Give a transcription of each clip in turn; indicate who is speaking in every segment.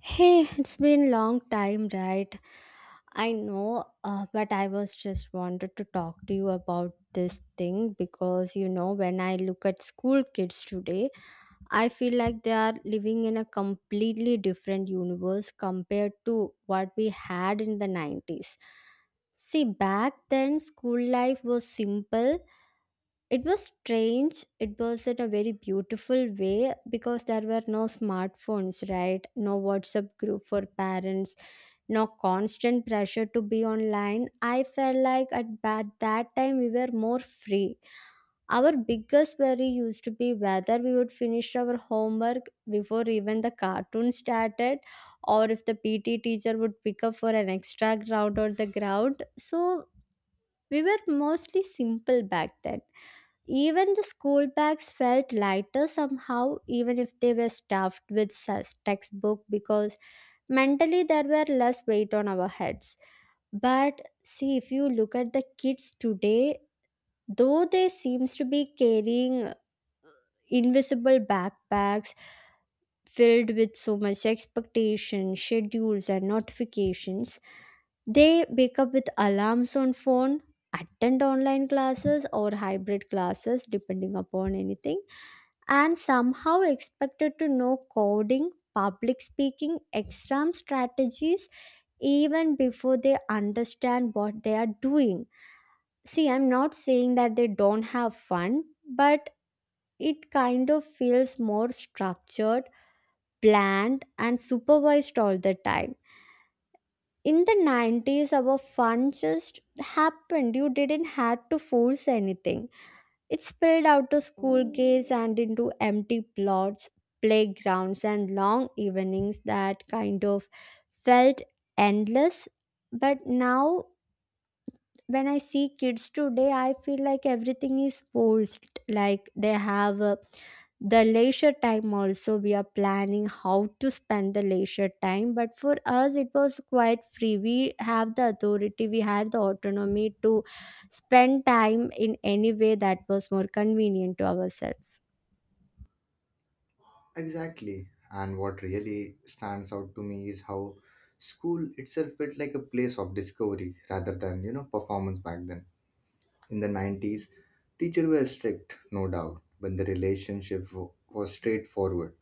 Speaker 1: Hey, it's been long time, right? I know, but I was just wanted to talk to you about this thing because you know, when I look at school kids today, I feel like they are living in a completely different universe compared to what we had in the 90s. See, back then, school life was simple, it was strange. It was in a very beautiful way because there were no smartphones, right? No WhatsApp group for parents, no constant pressure to be online. I felt like that time we were more free. Our biggest worry used to be whether we would finish our homework before even the cartoon started, or if the PT teacher would pick up for an extra ground on the ground. So we were mostly simple back then, even the school bags felt lighter somehow, even if they were stuffed with such textbook, because mentally there were less weight on our heads. But see, if you look at the kids today, though they seems to be carrying invisible backpacks filled with so much expectation, schedules, and notifications, they wake up with alarms on phone, attend online classes or hybrid classes, depending upon anything, and somehow expected to know coding, public speaking, exam strategies even before they understand what they are doing. See, I'm not saying that they don't have fun, but it kind of feels more structured, planned, and supervised all the time. In the 90s, our fun just happened. You didn't have to force anything. It spilled out to school gates and into empty plots, playgrounds, and long evenings that kind of felt endless. But now when I see kids today, I feel like everything is forced. Like they have the leisure time also. We are planning how to spend the leisure time. But for us, it was quite free. We have the authority, we had the autonomy to spend time in any way that was more convenient to ourselves.
Speaker 2: Exactly. And what really stands out to me is how school itself felt like a place of discovery rather than, performance back then. In the 90s, teachers were strict, no doubt, but the relationship was straightforward.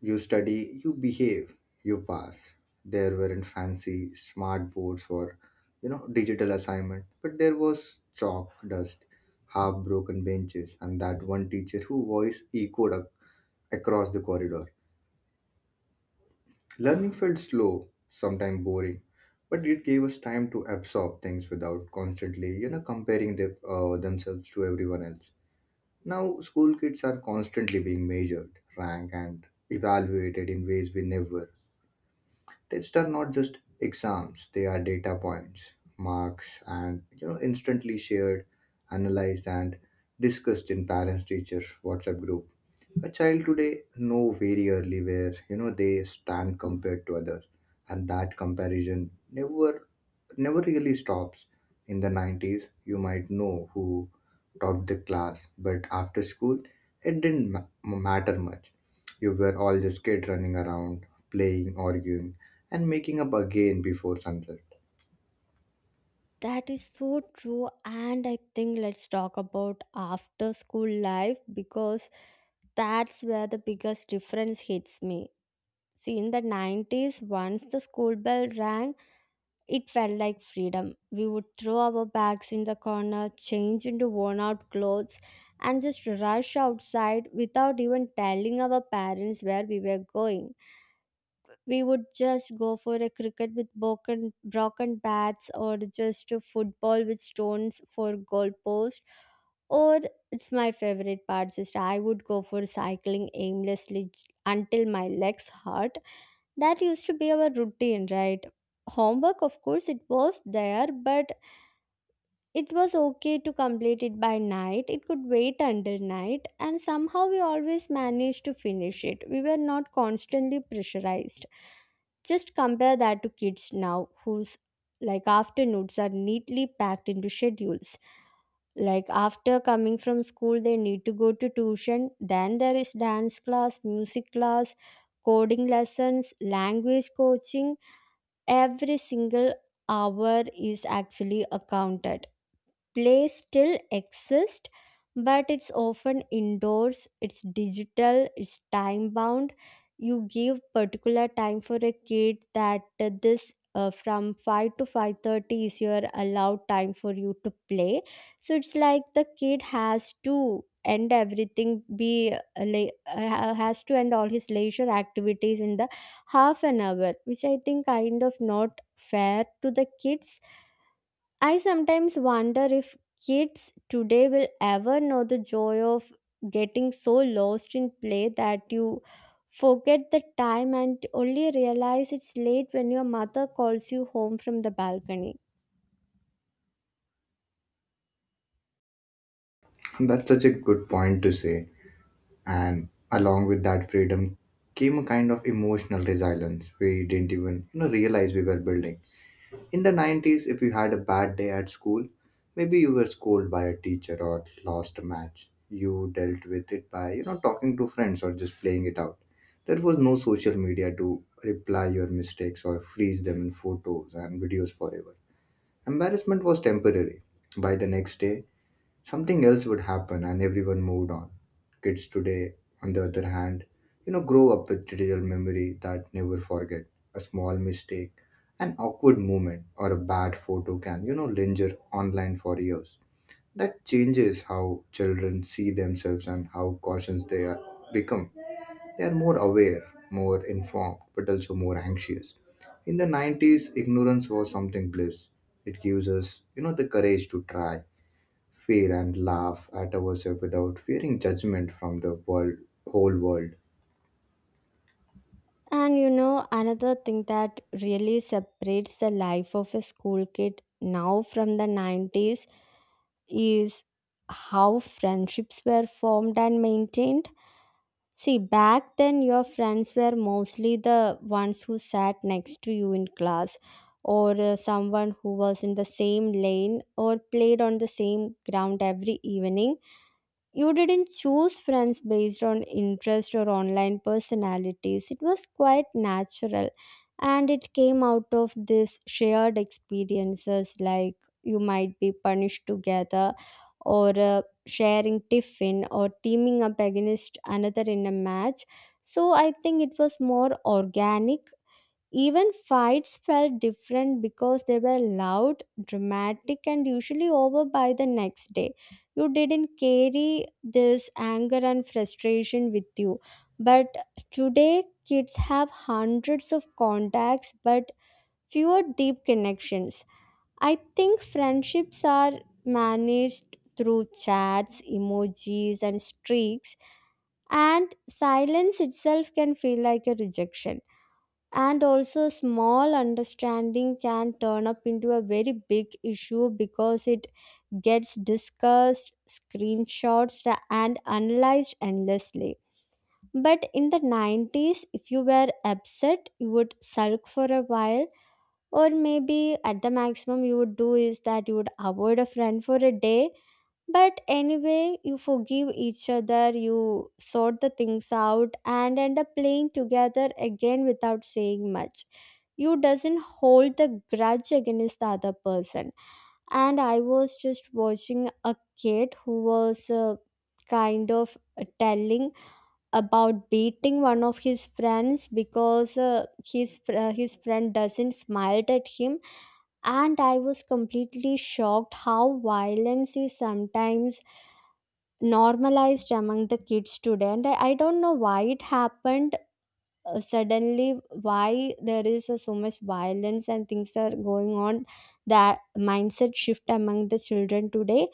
Speaker 2: You study, you behave, you pass. There weren't fancy smart boards for, digital assignment, but there was chalk, dust, half broken benches, and that one teacher who voice echoed across the corridor. Learning felt slow, sometimes boring, but it gave us time to absorb things without constantly, themselves to everyone else. Now, school kids are constantly being measured, ranked, and evaluated in ways we never. Tests are not just exams, they are data points, marks, and instantly shared, analyzed, and discussed in parents teacher WhatsApp group. A child today know very early where they stand compared to others, and that comparison never never really stops. In the 90s, you might know who topped the class, but after school, it didn't matter much. You were all just kids running around, playing, arguing, and making up again before sunset.
Speaker 1: That is so true. And I think let's talk about after school life because that's where the biggest difference hits me. See, in the 90s, once the school bell rang, it felt like freedom. We would throw our bags in the corner, change into worn out clothes, and just rush outside without even telling our parents where we were going. We would just go for a cricket with broken bats, or just a football with stones for goalpost, or it's my favorite part Sister, I would go for cycling aimlessly until my legs hurt, that used to be our routine, right? Homework, of course, it was there, but it was okay to complete it by night. It could wait until night, and somehow we always managed to finish it. We were not constantly pressurized. Just compare that to kids now, whose like afternoons are neatly packed into schedules. Like after coming from school, they need to go to tuition, then there is dance class, music class, coding lessons, language coaching, every single hour is actually accounted. Play still exists, but it's often indoors, it's digital, it's time bound. You give particular time for a kid that this from 5 to 5:30 is your allowed time for you to play. So it's like the kid has to end everything be like has to end all his leisure activities in the half an hour, which I think kind of not fair to the kids. I sometimes wonder if kids today will ever know the joy of getting so lost in play that you forget the time and only realize it's late when your mother calls you home from the balcony.
Speaker 2: That's such a good point to say. And along with that freedom came a kind of emotional resilience we didn't even realize we were building. In the 90s, if you had a bad day at school, maybe you were scolded by a teacher or lost a match. You dealt with it by, talking to friends or just playing it out. There was no social media to reply your mistakes or freeze them in photos and videos forever. Embarrassment was temporary. By the next day, something else would happen and everyone moved on. Kids today, on the other hand, grow up with digital memory that never forget. A small mistake, an awkward moment, or a bad photo can, linger online for years. That changes how children see themselves and how cautious they are become. They are more aware, more informed, but also more anxious. In the 90s, ignorance was something bliss. It gives us, the courage to try feel and laugh at ourselves without fearing judgment from the world whole world.
Speaker 1: And you know, another thing that really separates the life of a school kid now from the 90s is how friendships were formed and maintained. See, back then your friends were mostly the ones who sat next to you in class, or someone who was in the same lane, or played on the same ground every evening. You didn't choose friends based on interest or online personalities. It was quite natural, and it came out of this shared experiences, like you might be punished together or sharing tiffin or teaming up against another in a match. So I think it was more organic, even fights felt different because they were loud, dramatic, and usually over by the next day. You didn't carry this anger and frustration with you. But today, kids have hundreds of contacts but fewer deep connections. I think friendships are managed through chats, emojis, and streaks, and silence itself can feel like a rejection, and also small understanding can turn up into a very big issue because it gets discussed, screenshots, and analyzed endlessly. But in the 90s if you were upset you would sulk for a while, or maybe at the maximum you would do is that you would avoid a friend for a day. But anyway, you forgive each other, you sort the things out, and end up playing together again without saying much. You doesn't hold the grudge against the other person. And I was just watching a kid who was kind of telling about beating one of his friends because his friend doesn't smiled at him, and I was completely shocked how violence is sometimes normalized among the kids today, and I don't know why it happened. Suddenly why there is so much violence and things are going on, that mindset shift among the children today.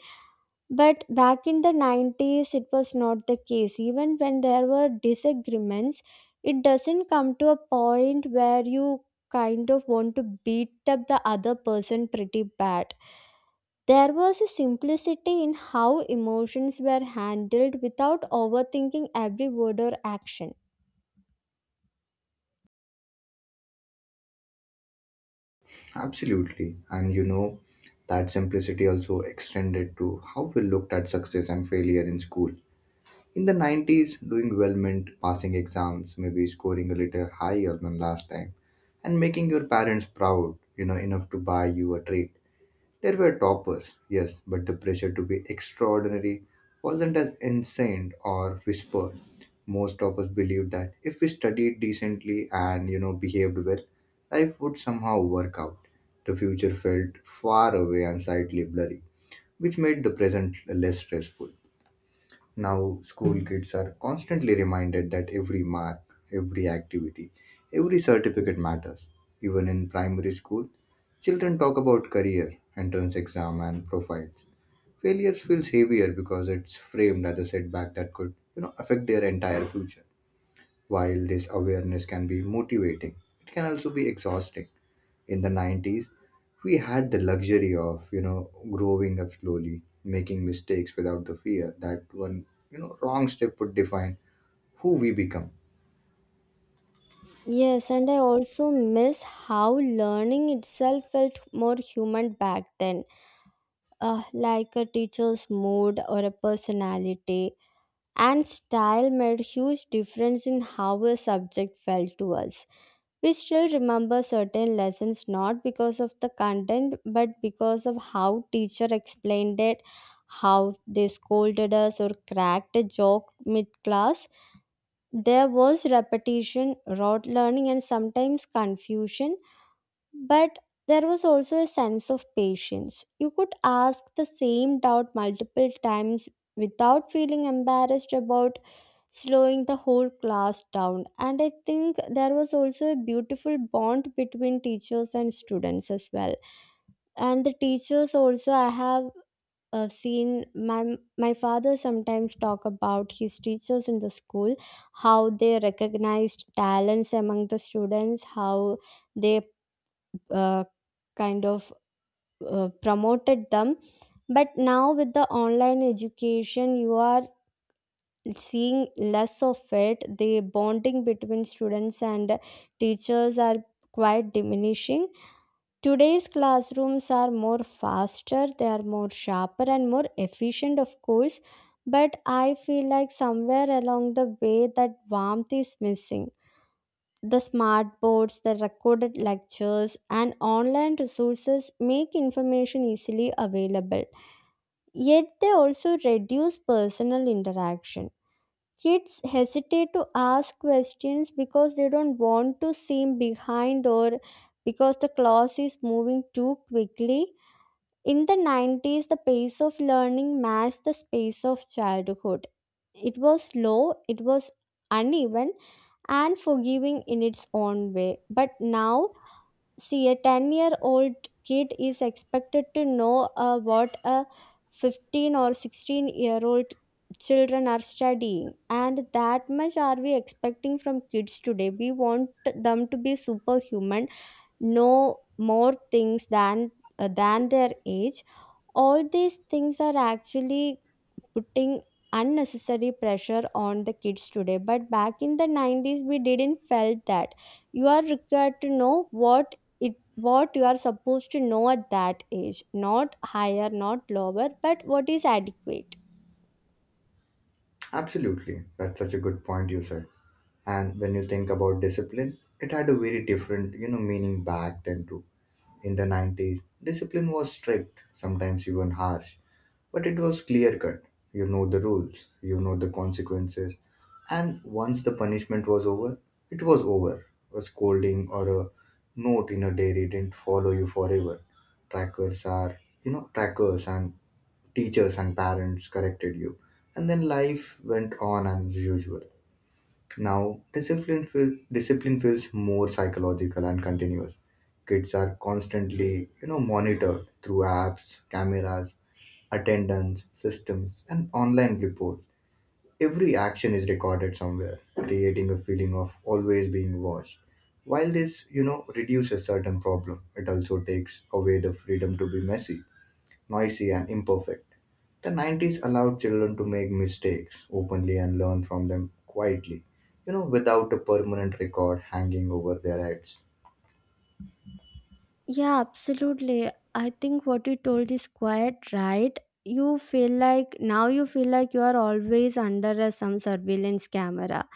Speaker 1: But back in the 90s it was not the case, even when there were disagreements it doesn't come to a point where you kind of want to beat up the other person pretty bad. There was a simplicity in how emotions were handled without overthinking every word or action.
Speaker 2: Absolutely, and that simplicity also extended to how we looked at success and failure in school. In the 90s doing well meant passing exams, maybe scoring a little higher than last time, and making your parents proud enough to buy you a treat. There were toppers, yes, but the pressure to be extraordinary wasn't as insane or whispered. Most of us believed that if we studied decently and behaved well, life would somehow work out. The future felt far away and slightly blurry, which made the present less stressful. Now, school kids are constantly reminded that every mark, every activity, every certificate matters. Even in primary school, children talk about career, entrance exam, and profiles. Failures feels heavier because it's framed as a setback that could, affect their entire future. While this awareness can be motivating, it can also be exhausting. In the 90s we had the luxury of growing up slowly, making mistakes without the fear that one wrong step would define who we become.
Speaker 1: Yes, and I also miss how learning itself felt more human back then, like a teacher's mood or a personality. And style made huge difference in how a subject felt to us. We still remember certain lessons not because of the content but because of how teacher explained it, how they scolded us or cracked a joke mid class. There was repetition, rote learning and sometimes confusion, but there was also a sense of patience. You could ask the same doubt multiple times without feeling embarrassed about slowing the whole class down. And I think there was also a beautiful bond between teachers and students as well. And the teachers also, I have seen my father sometimes talk about his teachers in the school, how they recognized talents among the students, how they uh, kind of promoted them. But now with the online education, you are seeing less of it, the bonding between students and teachers are quite diminishing. Today's classrooms are more faster, they are more sharper and more efficient of course, but I feel like somewhere along the way that warmth is missing. The smart boards, the recorded lectures and online resources make information easily available, yet they also reduce personal interaction. Kids hesitate to ask questions because they don't want to seem behind or because the class is moving too quickly. In the 90s, the pace of learning matched the pace of childhood. It was slow, it was uneven, and forgiving in its own way. But now, see a 10-year-old kid is expected to know what a 15 or 16-year-old children are studying, and that much are we expecting from kids today. We want them to be superhuman, know more things than their age. All these things are actually putting unnecessary pressure on the kids today, but back in the 90s we didn't felt that you are required to know what it, what you are supposed to know at that age, not higher not lower but what is adequate.
Speaker 2: Absolutely, that's such a good point you said. And when you think about discipline, it had a very different meaning back then too. In the 90s discipline was strict, sometimes even harsh. But it was clear cut. You know the rules, you know the consequences. And once the punishment was over, it was over. A scolding or a note in a diary didn't follow you forever. Trackers are, you know, trackers and teachers and parents corrected you. And then life went on as usual. Now, discipline feels more psychological and continuous. Kids are constantly, monitored through apps, cameras, attendance, systems, and online reports. Every action is recorded somewhere, creating a feeling of always being watched. While this, reduces certain problem, it also takes away the freedom to be messy, noisy, and imperfect. The 90s allowed children to make mistakes openly and learn from them quietly, without a permanent record hanging over their heads.
Speaker 1: Yeah, absolutely. I think what you told is quite right. You feel like now you feel like you are always under a, some surveillance camera.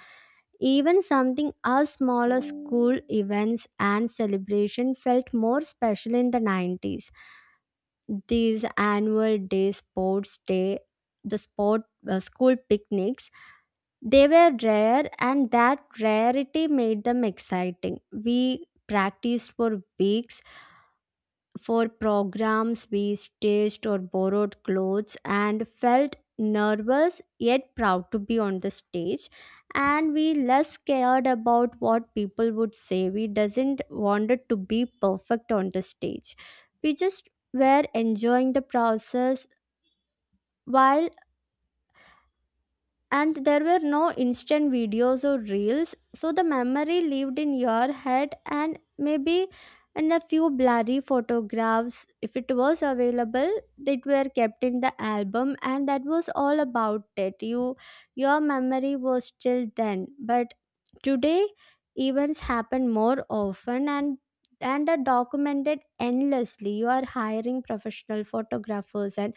Speaker 1: Even something as small as school events and celebration felt more special in the 90s. These annual day sports day, the sport school picnics, they were rare and that rarity made them exciting. We practiced for weeks for programs we staged or borrowed clothes and felt nervous yet proud to be on the stage. And we less cared about what people would say, we doesn't wanted to be perfect on the stage, we just were enjoying the process. While and there were no instant videos or reels, so the memory lived in your head and maybe in a few blurry photographs, if it was available, that were kept in the album and that was all about it. Your memory was still then. But today events happen more often, and are documented endlessly. You are hiring professional photographers and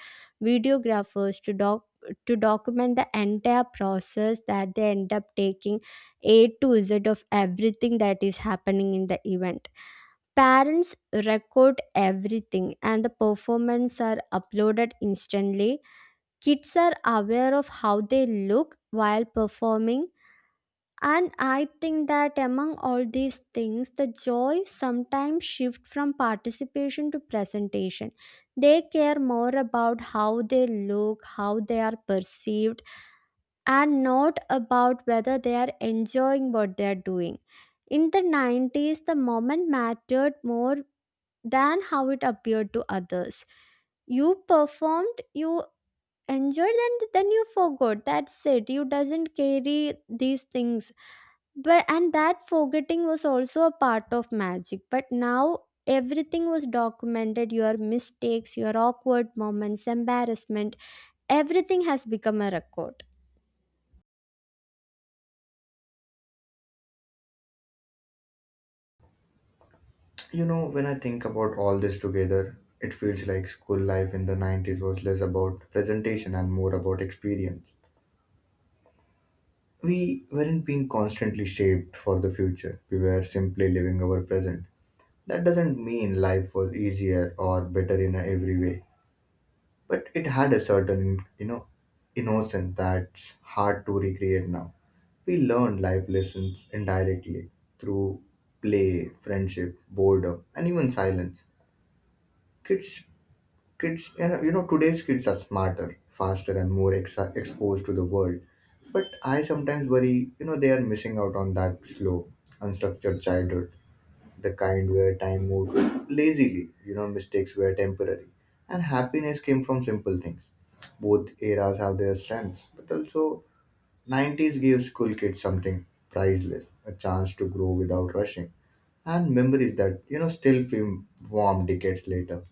Speaker 1: videographers to document the entire process, that they end up taking A to Z of everything that is happening in the event. Parents record everything and the performance are uploaded instantly. Kids are aware of how they look while performing, and I think that among all these things, the joy sometimes shift from participation to presentation. They care more about how they look, how they are perceived, and not about whether they are enjoying what they are doing. In the 90s, the moment mattered more than how it appeared to others. You performed, you enjoyed, and then you forgot. That's it. You doesn't carry these things. But and that forgetting was also a part of magic. But now everything was documented. Your mistakes, your awkward moments, embarrassment, everything has become a record.
Speaker 2: You know, when I think about all this together, it feels like school life in the 90s was less about presentation and more about experience. We weren't being constantly shaped for the future, we were simply living our present. That doesn't mean life was easier or better in every way, but it had a certain, innocence that's hard to recreate now. We learned life lessons indirectly through play, friendship, boredom, and even silence. Kids today's kids are smarter, faster, and more exposed to the world. But I sometimes worry, they are missing out on that slow, unstructured childhood, the kind where time moved lazily, mistakes were temporary, and happiness came from simple things. Both eras have their strengths, but also 90s gave school kids something priceless, a chance to grow without rushing, and memories that, still feel warm decades later.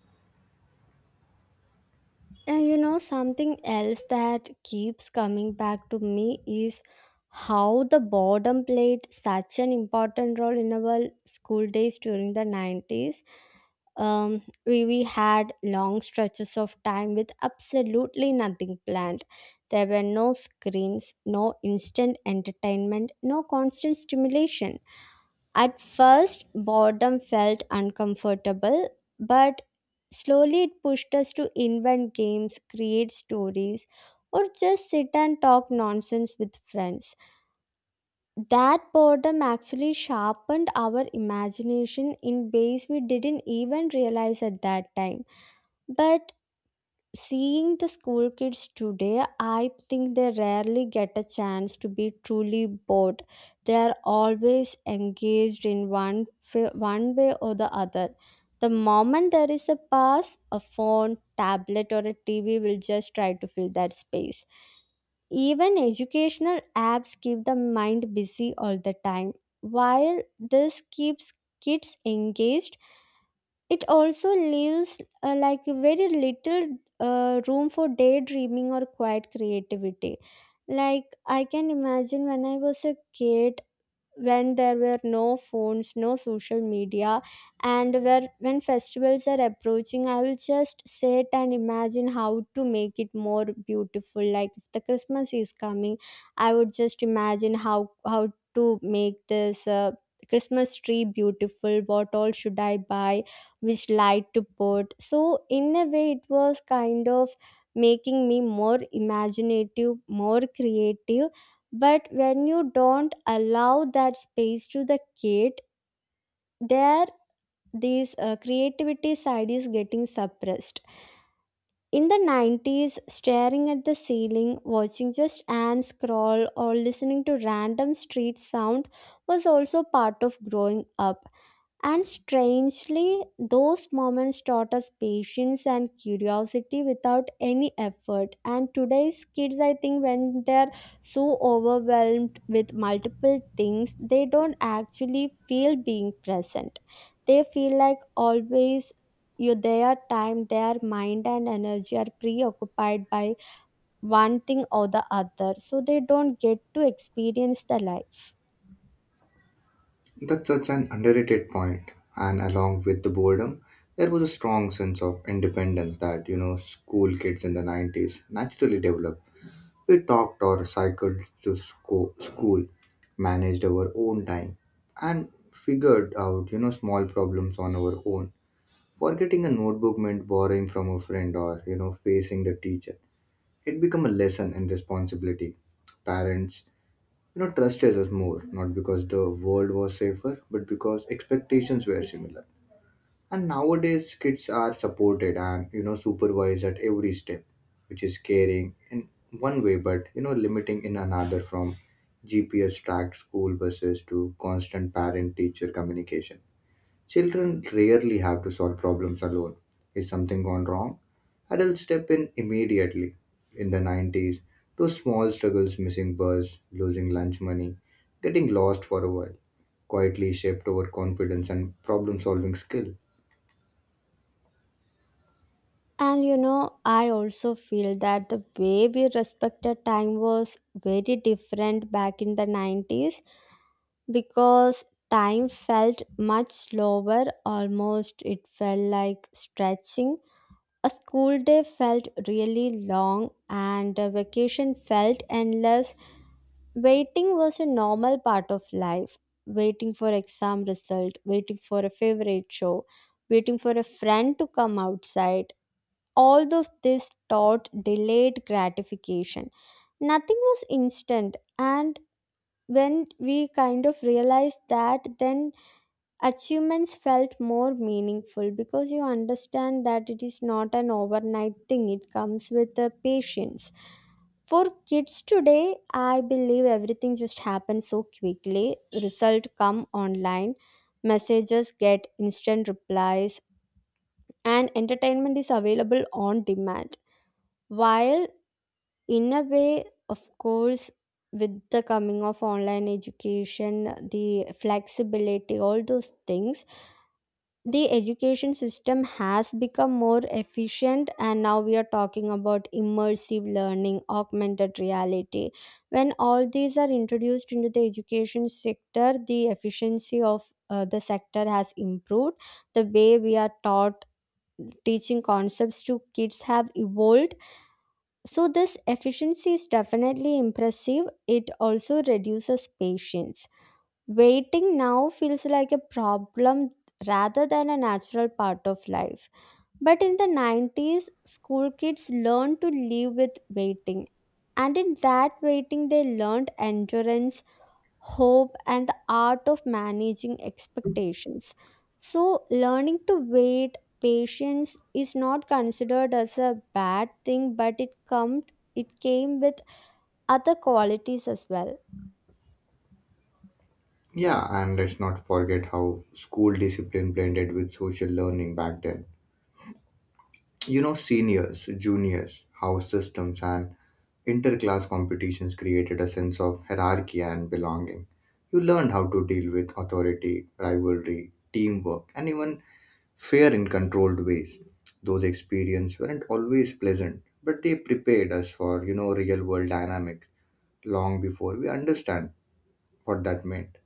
Speaker 1: And you know, something else that keeps coming back to me is how the boredom played such an important role in our school days during the 90s. We had long stretches of time with absolutely nothing planned. There were no screens, no instant entertainment, no constant stimulation. At first, boredom felt uncomfortable, but slowly it pushed us to invent games, create stories, or just sit and talk nonsense with friends. That boredom actually sharpened our imagination in ways we didn't even realize at that time. But Seeing the school kids today, I think they rarely get a chance to be truly bored. They are always engaged in one way or the other. The moment there is a pass, a phone, tablet, or a TV will just try to fill that space. Even educational apps keep the mind busy all the time. While this keeps kids engaged, it also leaves like very little room for daydreaming or quiet creativity. Like I can imagine when I was a kid, when there were no phones, no social media, and where when festivals are approaching, I will just sit and imagine how to make it more beautiful. Like if the Christmas is coming, I would just imagine how to make this Christmas tree beautiful, what all should I buy, which light to put. So in a way it was kind of making me more imaginative, more creative. But when you don't allow that space to the kid, there this creativity side is getting suppressed. In the 90s, staring at the ceiling, watching just ants crawl, or listening to random street sound was also part of growing up, and strangely, those moments taught us patience and curiosity without any effort. And today's kids, I think, when they're so overwhelmed with multiple things, they don't actually feel being present. They feel like always their time, their mind, and energy are preoccupied by one thing or the other. So they don't get to experience the life.
Speaker 2: That's such an underrated point. And along with the boredom, there was a strong sense of independence that, school kids in the 90s naturally developed. We talked or cycled to school, managed our own time, and figured out, small problems on our own. Forgetting a notebook meant borrowing from a friend or, facing the teacher. It became a lesson in responsibility. Parents trust us more, not because the world was safer, but because expectations were similar. And nowadays, kids are supported and, supervised at every step, which is caring in one way, but, limiting in another, from GPS tracked school buses to constant parent teacher communication. Children rarely have to solve problems alone. Is something gone wrong? Adults step in immediately. In the 90s, those small struggles, missing bus, losing lunch money, getting lost for a while, quietly shaped our confidence and problem solving skill.
Speaker 1: And you know, I also feel that the way we respected time was very different back in the 90s, because time felt much slower, almost it felt like stretching. A school day felt really long, and a vacation felt endless. Waiting was a normal part of life. Waiting for exam result, waiting for a favorite show, waiting for a friend to come outside, all of this taught delayed gratification. Nothing was instant, and when we kind of realized that, then achievements felt more meaningful, because you understand that it is not an overnight thing, it comes with the patience. For kids today, I believe everything just happens so quickly. Result come online, messages get instant replies, and entertainment is available on demand. While in a way, of course, with the coming of online education, the flexibility, all those things, the education system has become more efficient. And now we are talking about immersive learning, augmented reality. When all these are introduced into the education sector, the efficiency of the sector has improved. The way we are taught, teaching concepts to kids have evolved. So, this efficiency is definitely impressive. It also reduces patience. Waiting now feels like a problem rather than a natural part of life. But in the 90s, school kids learned to live with waiting. And in that waiting, they learned endurance, hope, and the art of managing expectations. So, learning to wait, patience is not considered as a bad thing, but it came with other qualities as well.
Speaker 2: Yeah, and let's not forget how school discipline blended with social learning back then. You know, seniors, juniors, house systems, and interclass competitions created a sense of hierarchy and belonging. You learned how to deal with authority, rivalry, teamwork, and even fear in controlled ways. Those experiences weren't always pleasant, but they prepared us for, real world dynamics long before we understand what that meant.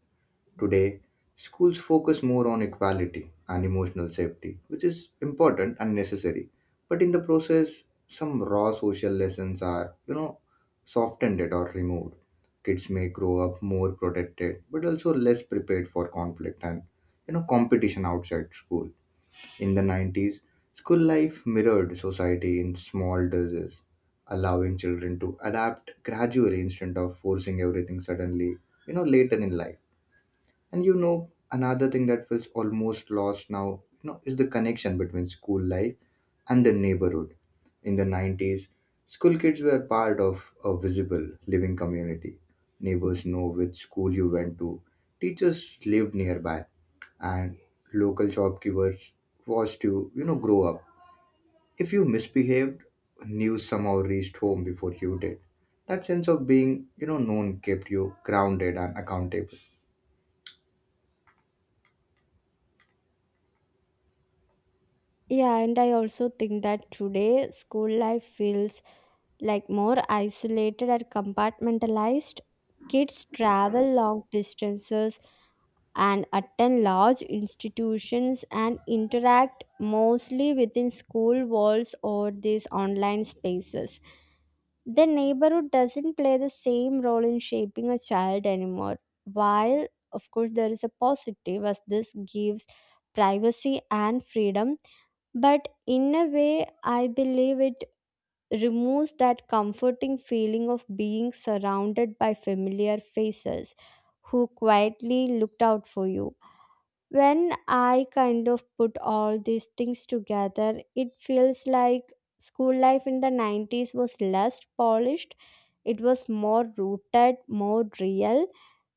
Speaker 2: Today, schools focus more on equality and emotional safety, which is important and necessary. But in the process, some raw social lessons are, softened it or removed. Kids may grow up more protected, but also less prepared for conflict and, competition outside school. In the 90s, school life mirrored society in small doses, allowing children to adapt gradually instead of forcing everything suddenly, later in life. And you know, another thing that feels almost lost now, is the connection between school life and the neighborhood. In the 90s, school kids were part of a visible living community. Neighbors know which school you went to, teachers lived nearby, and local shopkeepers watched you, grow up. If you misbehaved, news somehow reached home before you did. That sense of being, known kept you grounded and accountable.
Speaker 1: Yeah, and I also think that today school life feels like more isolated or compartmentalized. Kids travel long distances and attend large institutions and interact mostly within school walls or these online spaces. The neighborhood doesn't play the same role in shaping a child anymore. While of course there is a positive, as this gives privacy and freedom, but in a way I believe it removes that comforting feeling of being surrounded by familiar faces who quietly looked out for you. When I kind of put all these things together, it feels like school life in the 90s was less polished, it was more rooted, more real.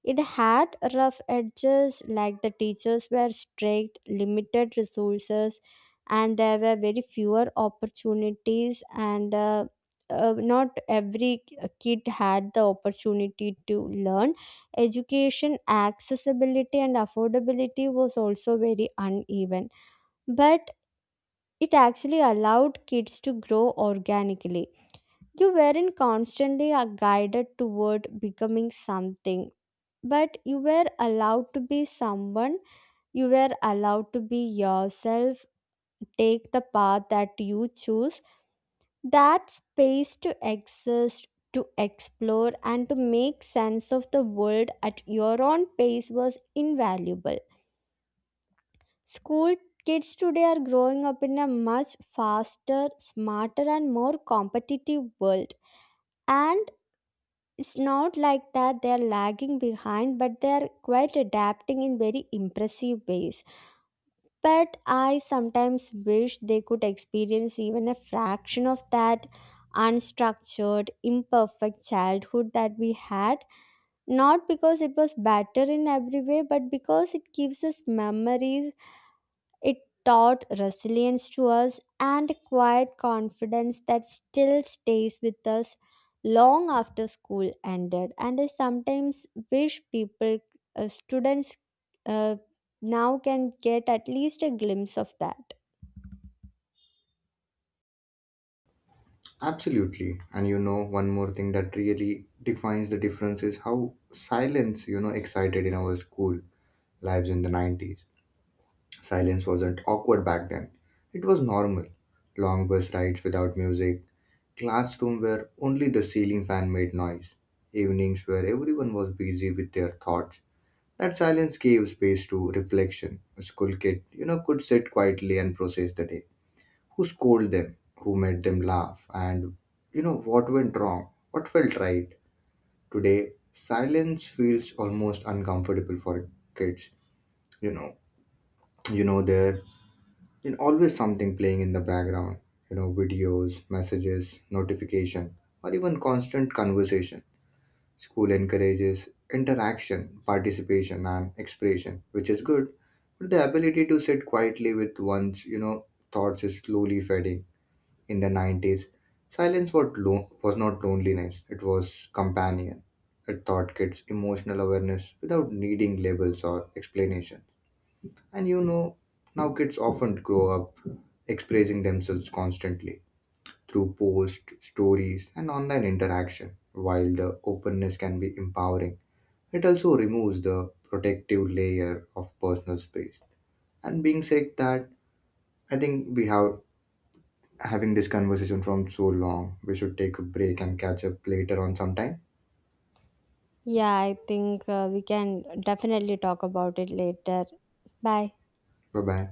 Speaker 1: It had rough edges, like the teachers were strict, limited resources, and there were very fewer opportunities. And Not every kid had the opportunity to learn. Education accessibility and affordability was also very uneven, but it actually allowed kids to grow organically. You weren't constantly guided toward becoming something, but you were allowed to be someone, you were allowed to be yourself, take the path that you choose. That space to exist, to explore and to make sense of the world at your own pace was invaluable. School kids today are growing up in a much faster, smarter and more competitive world, and it's not like that they're lagging behind, but they're quite adapting in very impressive ways. But I sometimes wish they could experience even a fraction of that unstructured, imperfect childhood that we had, not because it was better in every way, but because it gives us memories, it taught resilience to us and a quiet confidence that still stays with us long after school ended. And I sometimes wish students, uh, now can get at least a glimpse of that.
Speaker 2: Absolutely. And you know, one more thing that really defines the difference is how silence, excited in our school lives in the 90s. Silence wasn't awkward back then, it was normal. Long bus rides without music, classroom where only the ceiling fan made noise, evenings where everyone was busy with their thoughts. That silence gave space to reflection. A school kid, could sit quietly and process the day. Who scolded them? Who made them laugh? And what went wrong? What felt right? Today, silence feels almost uncomfortable for kids. You know, you know there, you always something playing in the background. You know, videos, messages, notification, or even constant conversation. School encourages interaction, participation, and expression, which is good. But the ability to sit quietly with one's, thoughts is slowly fading. In the 90s, was not loneliness, it was companion. It taught kids emotional awareness without needing labels or explanations. And now kids often grow up expressing themselves constantly through posts, stories, and online interaction. While the openness can be empowering, it also removes the protective layer of personal space. And being said that, I think we have having this conversation from so long. We should take a break and catch up later on sometime.
Speaker 1: Yeah, I think we can definitely talk about it later. Bye.
Speaker 2: Bye bye.